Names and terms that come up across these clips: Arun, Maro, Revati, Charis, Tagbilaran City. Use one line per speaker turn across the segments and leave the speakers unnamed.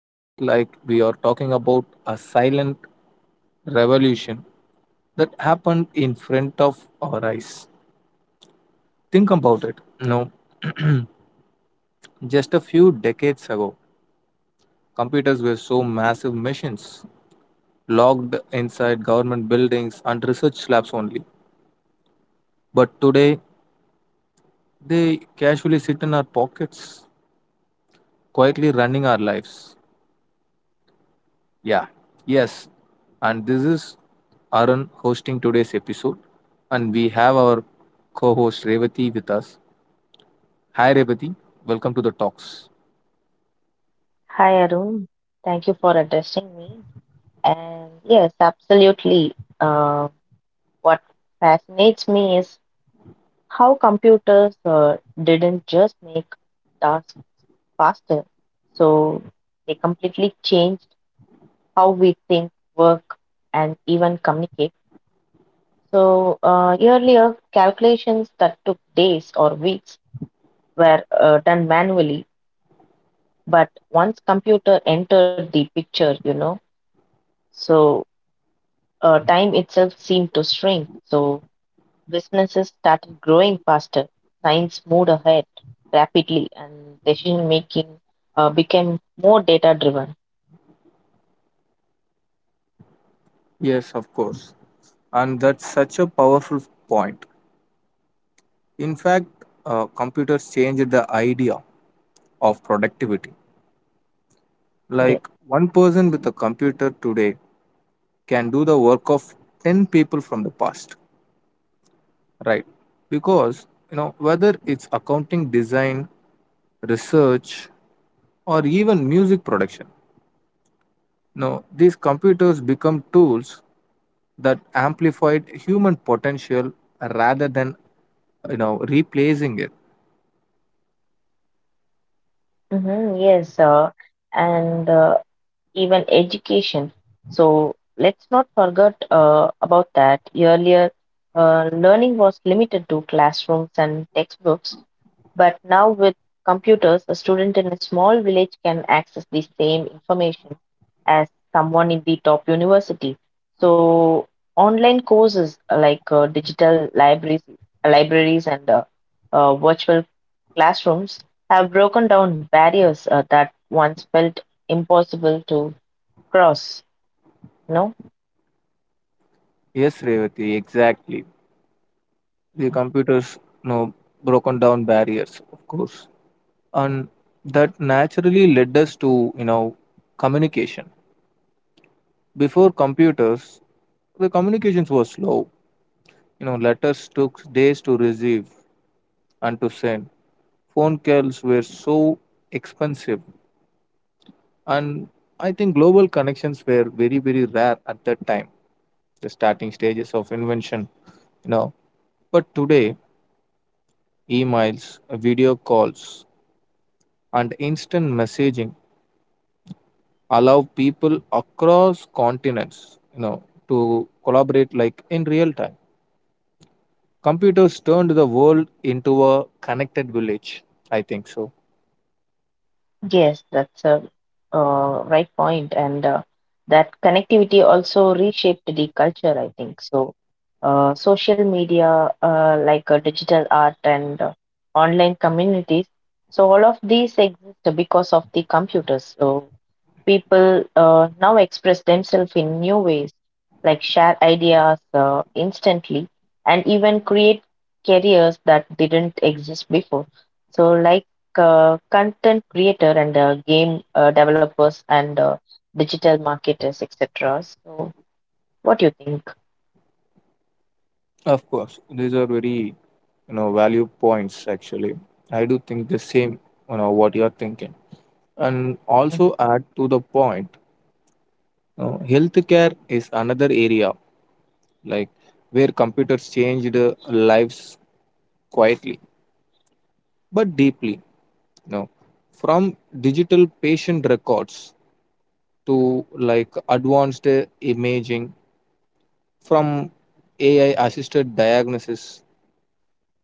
Feels like we are talking about a silent revolution that happened in front of our eyes. Think about it. You know, just a few decades ago, computers were so massive machines locked inside government buildings and research labs only. But today they casually sit in our pockets, quietly running our lives. Yeah, yes. And this is Arun hosting today's episode. And we have our co host Revati with us. Hi, Revati. Welcome to the talks.
Hi, Arun. Thank you for addressing me. And yes, absolutely. Uh, what fascinates me is how computers didn't just make tasks faster, so they completely changed how we think, work, and even communicate. So earlier, calculations that took days or weeks were done manually, but once computer entered the picture, so time itself seemed to shrink, so businesses started growing faster. Science moved ahead rapidly, and decision making became more data driven.
Yes, of course. And that's such a powerful point. In fact, computers changed the idea of productivity.
Yes,
Like one person with a computer today can do the work of 10 people from the past. Right. Because, whether it's accounting design, research, or even music production, these computers become tools that amplified human potential rather than, replacing it.
hmm, yes, and even education. So let's not forget about that. Earlier, learning was limited to classrooms and textbooks. But now with computers, a student in a small village can access the same information as someone in the top university. So online courses like digital libraries, libraries and virtual classrooms have broken down barriers that once felt impossible to cross. No.
Yes, Revati, exactly. The computers, you know, broken down barriers, of course. And that naturally led us to, communication. Before computers, the communications were slow. Letters took days to receive and to send. Phone calls were so expensive, and I think global connections were very, very rare at that time, the starting stages of invention, you know. But today, emails, video calls, and instant messaging allow people across continents, to collaborate like in real time. Computers turned the world into a connected village. I think so.
Yes, that's a right point, and that connectivity also reshaped the culture, I think. So, social media, like digital art and online communities, so all of these exist because of the computers. So, people now express themselves in new ways, like share ideas instantly and even create careers that didn't exist before. So, like content creator and game developers and digital marketers, etc. So, what do you think?
Of course, these are very, value points actually. I do think the same, what you are thinking. And
Mhm.
also add to the point, healthcare is another area like where computers changed lives quietly but deeply, you know, from digital patient records to like advanced imaging, from AI assisted diagnosis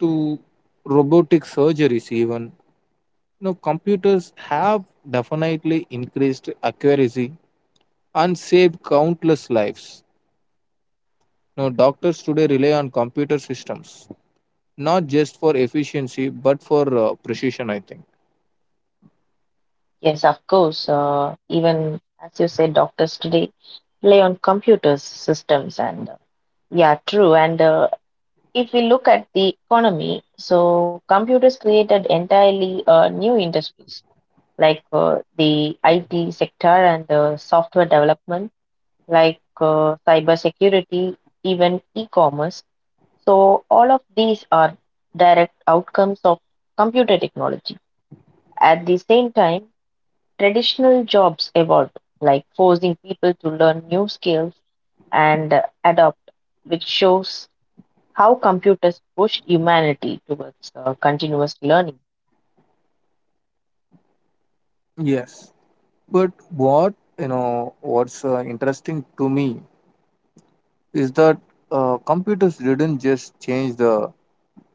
to robotic surgeries even, computers have definitely increased accuracy and saved countless lives. Now, doctors today rely on computer systems, not just for efficiency, but for precision, I think.
Yes, of course. Even as you said, doctors today play on computers, systems, and yeah, true. And if we look at the economy, so computers created entirely new industries like the IT sector and software development, like cybersecurity, even e-commerce. So all of these are direct outcomes of computer technology. At the same time, traditional jobs evolved, like forcing people to learn new skills and adapt, which shows how computers push humanity towards continuous learning.
Yes, but what's interesting to me is that computers didn't just change the,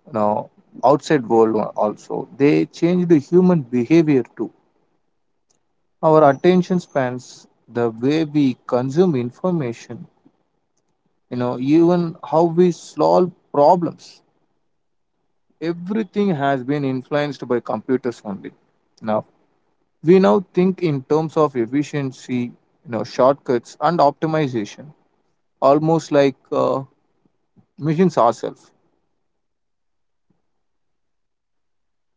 you know outside world o- also. They changed the human behavior too. Our attention spans, the way we consume information, you know even how we solve problems, everything has been influenced by computers only. Now we now think in terms of efficiency, shortcuts and optimization, almost like uh, machines ourselves.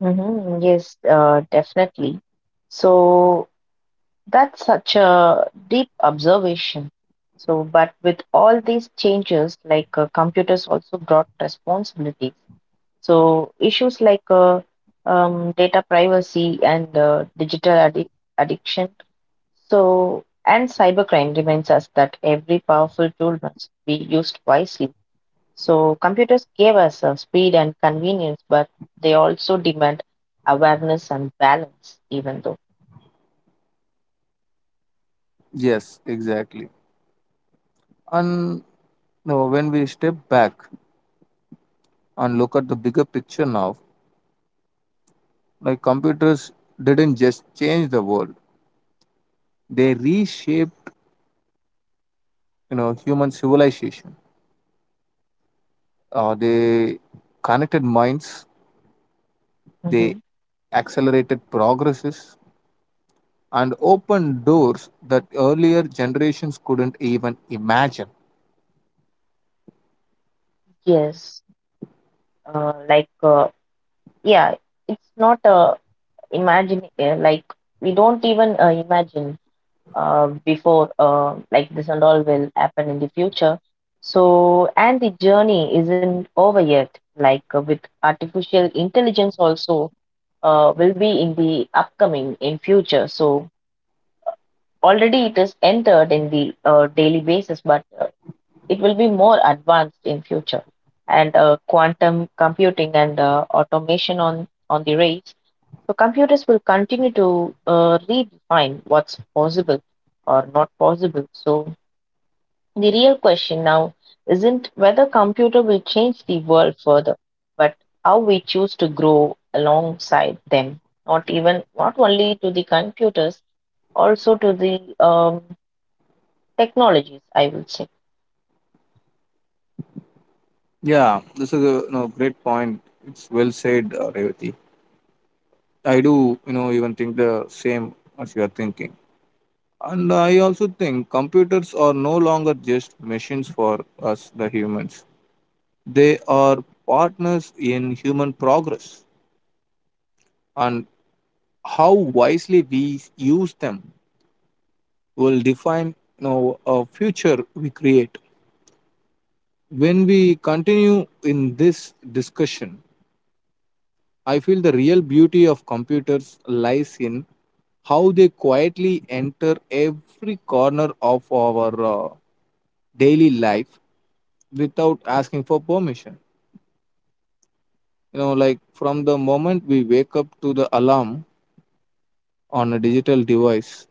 Mhm, yes, definitely. So that's such a deep observation. So, but with all these changes, like computers also brought responsibility. So issues like data privacy and digital addiction. So and cybercrime reminds us that every powerful tool must be used wisely. So, computers gave us speed and convenience, but they also demand awareness and balance, even though.
Yes, exactly. And you know, when we step back and look at the bigger picture now, like computers didn't just change the world, they reshaped, human civilization. They connected minds, they
Hmm.
accelerated progresses, and opened doors that earlier generations couldn't even imagine.
Yes, like, yeah, it's not imagine, like, we don't even imagine before, like, this and all will happen in the future. So, and the journey isn't over yet, like, with artificial intelligence also will be in the upcoming in future. So already it is entered in the daily basis, but it will be more advanced in future. And quantum computing and automation on the race. So computers will continue to redefine what's possible or not possible. So the real question now isn't whether computer will change the world further, but how we choose to grow alongside them. Not even not only to the computers, also to the technologies, I will say.
Yeah, this is a, great point. It's well said, Revati. I do, even think the same as you are thinking. And I also think computers are no longer just machines for us, the humans. They are partners in human progress. And how wisely we use them will define, a future we create. When we continue in this discussion, I feel the real beauty of computers lies in how they quietly enter every corner of our daily life without asking for permission. Like from the moment we wake up to the alarm on a digital device,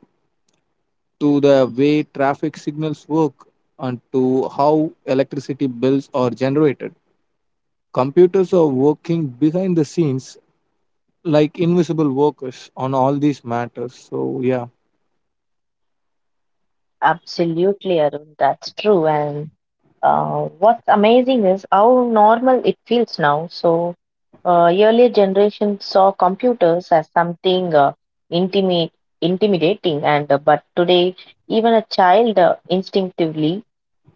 to the way traffic signals work, and to how electricity bills are generated. Computers are working behind the scenes like invisible workers on all these matters. So, yeah.
Absolutely, Arun, that's true. And what's amazing is how normal it feels now. So earlier generations saw computers as something intimate intimidating, and but today even a child instinctively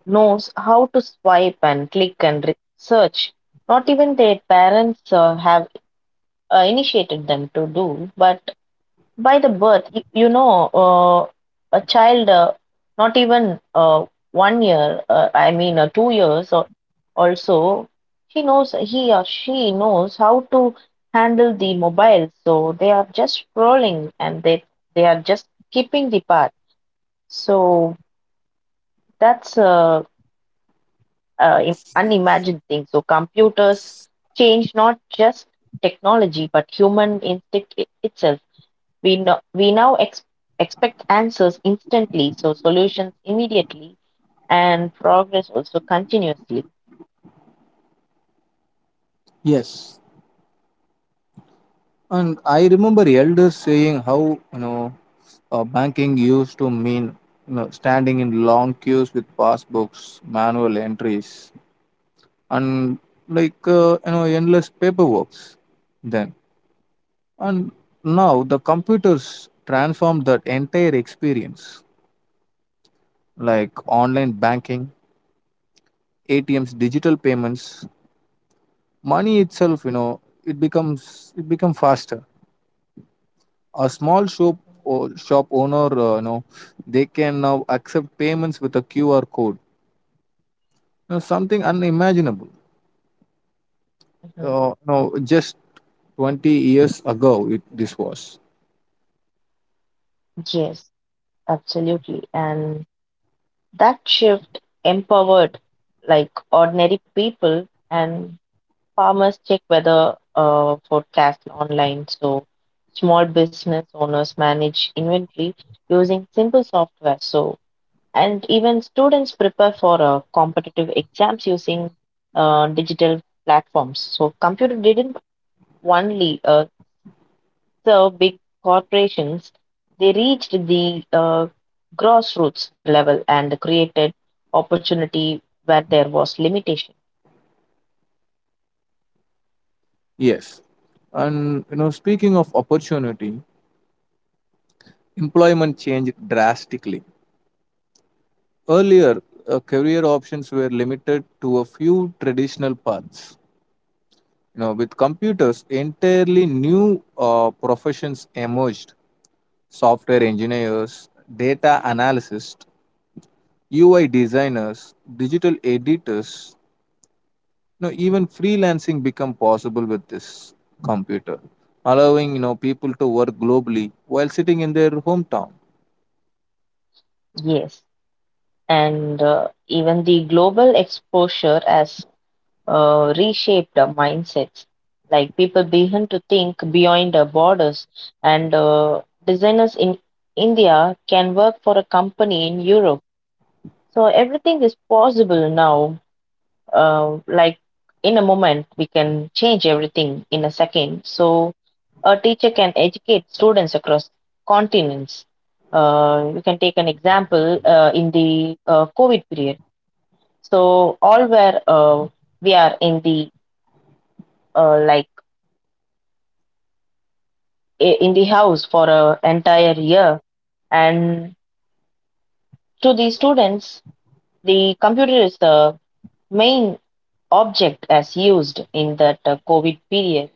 knows how to swipe and click and search. Not even their parents have initiated them to do, but by the birth, a child, not even 1 year, I mean 2 years or also, she knows, he or she knows how to handle the mobile, so they are just scrolling, and they are just keeping the path. So that's unimagined thing. So computers change not just technology but human instinct itself. We, no, we now expect answers instantly, so solutions immediately, and progress also continuously.
Yes, and I remember elders saying how, banking used to mean, standing in long queues with passbooks, manual entries, and like endless paperwork. Then, and now the computers transformed that entire experience, like online banking, ATMs, digital payments, money itself. You know, it becomes, it become faster. A small shop or shop owner, they can now accept payments with a QR code, something unimaginable
Mhm.
no, just 20 years ago it, this was.
Yes, absolutely. And that shift empowered like ordinary people, and farmers check weather forecast online. So small business owners manage inventory using simple software. So and even students prepare for competitive exams using digital platforms. So computer didn't only serve big corporations; they reached the grassroots level and created opportunity where there was limitation.
Yes, and you know, speaking of opportunity, employment changed drastically earlier. Career options were limited to a few traditional paths. With computers, entirely new professions emerged: software engineers, data analysts, UI designers, digital editors, even freelancing become possible with this computer, allowing, people to work globally while sitting in their hometown.
Yes, and even the global exposure as reshaped mindsets. Like people begin to think beyond borders, and designers in India can work for a company in Europe. So everything is possible now. Like in a moment, we can change everything in a second. So a teacher can educate students across continents. You can take an example in the COVID period. So all where we are in the uh, like in the house for an entire year. And to the students, the computer is the main object as used in that COVID period.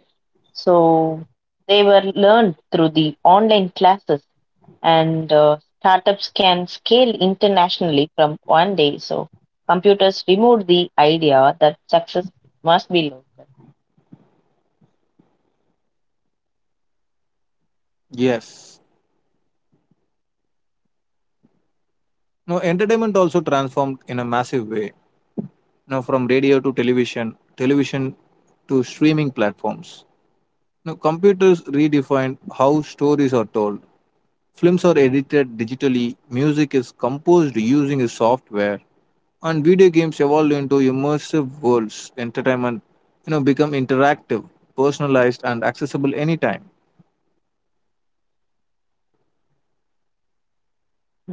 So they were learned through the online classes, and startups can scale internationally from one day. So computers removed the idea that success must be local.
Yes. Now entertainment also transformed in a massive way. Now from radio to television, television to streaming platforms. Now computers redefined how stories are told. Films are edited digitally, music is composed using a software, and video games evolved into immersive worlds. Entertainment, become interactive, personalized and accessible anytime.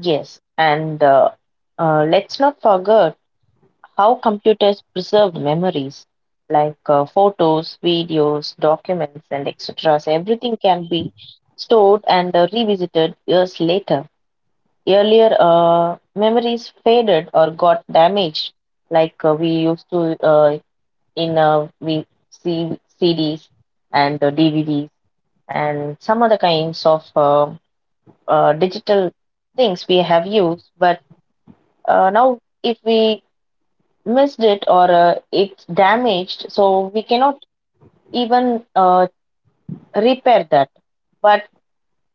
Yes, and let's not forget how computers preserve memories like photos, videos, documents, and etc. So everything can be stored and revisited years later. Earlier, memories faded or got damaged, like we used to in we see CDs and DVDs and some other kinds of digital things we have used. But now, if we missed it or it's damaged, so we cannot even repair that, but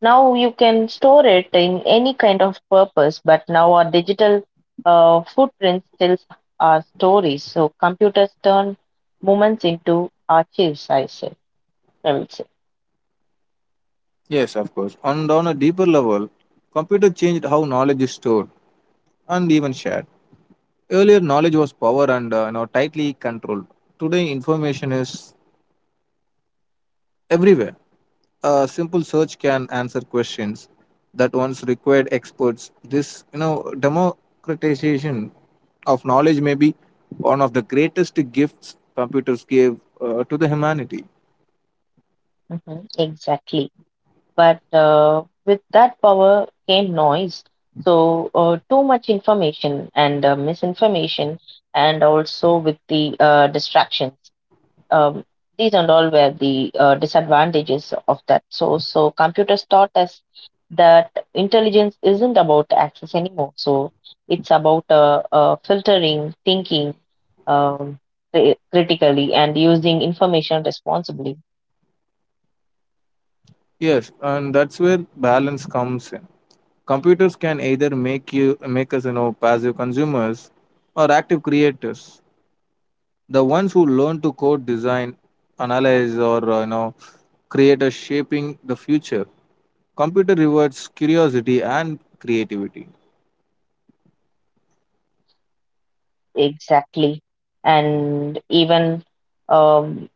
now you can store it in any kind of purpose. But now our digital footprints tells our stories. So computers turn moments into archives, I would say.
Yes, of course. And on a deeper level, computer changed how knowledge is stored and even shared. Earlier, knowledge was power and tightly controlled. Today, information is everywhere. A simple search can answer questions that once required experts. This, democratization of knowledge may be one of the greatest gifts computers gave to the humanity.
Mhm, exactly. But with that power came noise. So, too much information and misinformation, and also with the distractions. Um, these and all were the disadvantages of that. So, computers taught us that intelligence isn't about access anymore. So, it's about filtering, thinking, um, critically, and using information responsibly.
Yes, and that's where balance comes in. Computers can either make you, make us, passive consumers or active creators. The ones who learn to code, design, analyze or create, a shaping the future. Computer rewards curiosity and creativity.
Exactly. And even, um,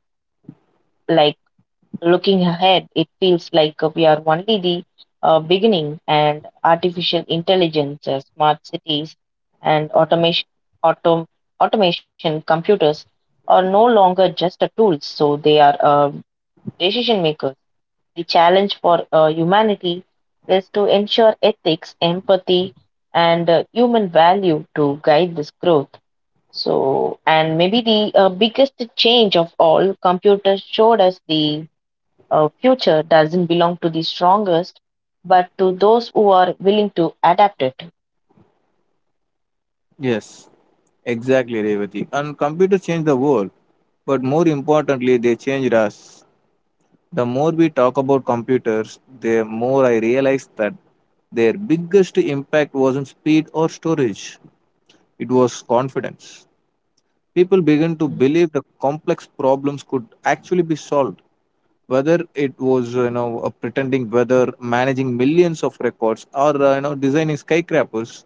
like, looking ahead, it feels like we are only the beginning, and artificial intelligence, smart cities, and autom automation, computers are no longer just a tools, so they are decision makers. The challenge for humanity is to ensure ethics, empathy, and human value to guide this growth. So, and maybe the biggest change of all, computers showed us the future doesn't belong to the strongest, but to those who are willing to adapt it.
Yes, exactly, Revati. And computers change the world, but more importantly, they changed us. The more we talk about computers, the more I realize that their biggest impact wasn't speed or storage, it was confidence. People began to believe the complex problems could actually be solved. Whether it was, pretending weather, managing millions of records, or designing skyscrapers,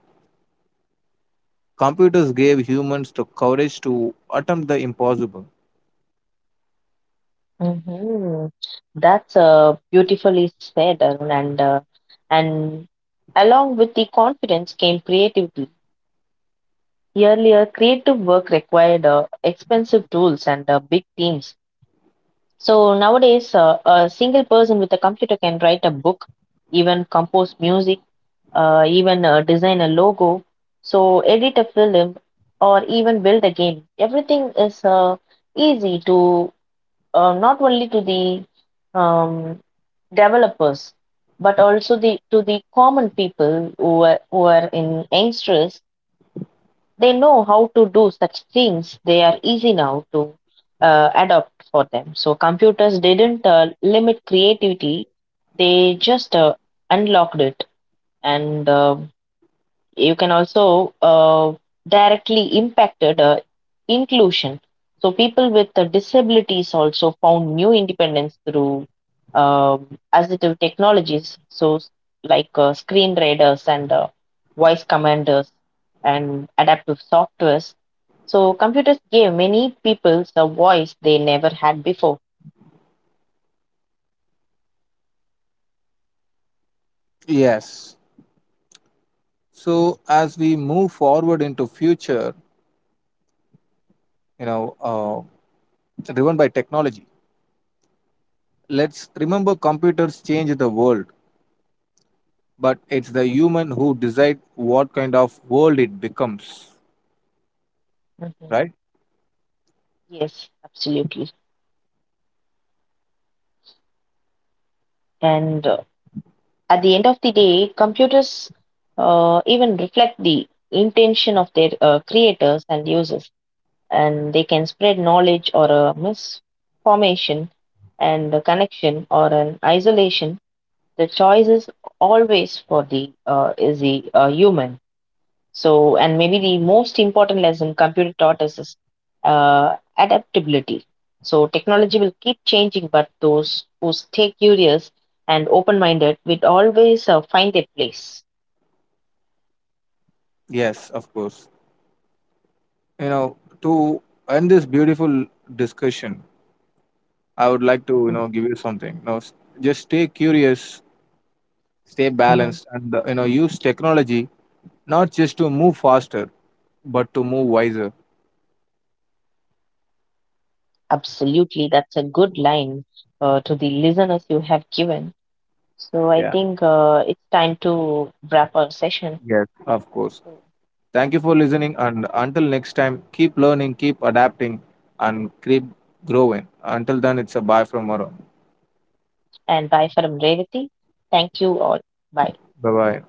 computers gave humans the courage to attempt the impossible.
Hmm. That's beautifully said, Arun. And along with the confidence came creativity. Earlier, creative work required expensive tools and big teams. So nowadays, a single person with a computer can write a book, even compose music, even design a logo, so edit a film, or even build a game. Everything is easy to not only to the um, developers, but also the to the common people who are in youngsters, they know how to do such things. They are easy now to adopt for them. So computers didn't limit creativity; they just unlocked it. And you can also directly impacted inclusion. So people with disabilities also found new independence through assistive technologies. So like screen readers and voice commanders and adaptive softwares. So computers gave many people a voice they never had before.
Yes. So as we move forward into future, you know, uh, driven by technology, let's remember computers change the world, but it's the human who decide what kind of world it becomes,
Mhm.
right?
Yes, absolutely. And at the end of the day, computers even reflect the intention of their creators and users, and they can spread knowledge or a misformation and a connection or an isolation. The choice is always for the, is the human. So, and maybe the most important lesson computer taught us is adaptability. So, technology will keep changing, but those who stay curious and open minded will always find their place.
Yes, of course. You know, to end this beautiful discussion, I would like to,
Mhm.
give you something. You know, s- just stay curious, stay
Mhm.
balanced, and use technology not just to move faster, but to move wiser.
Absolutely, that's a good line to the listeners you have given. So, I
Yeah.
think it's time to wrap our session.
Yes. Of course.
So,
Thank you for
mhm.
listening. And until next time, keep learning, keep adapting, and keep growing. Until then, it's a bye from Maro.
And bye from Revati. Thank you all. Bye.
Bye bye.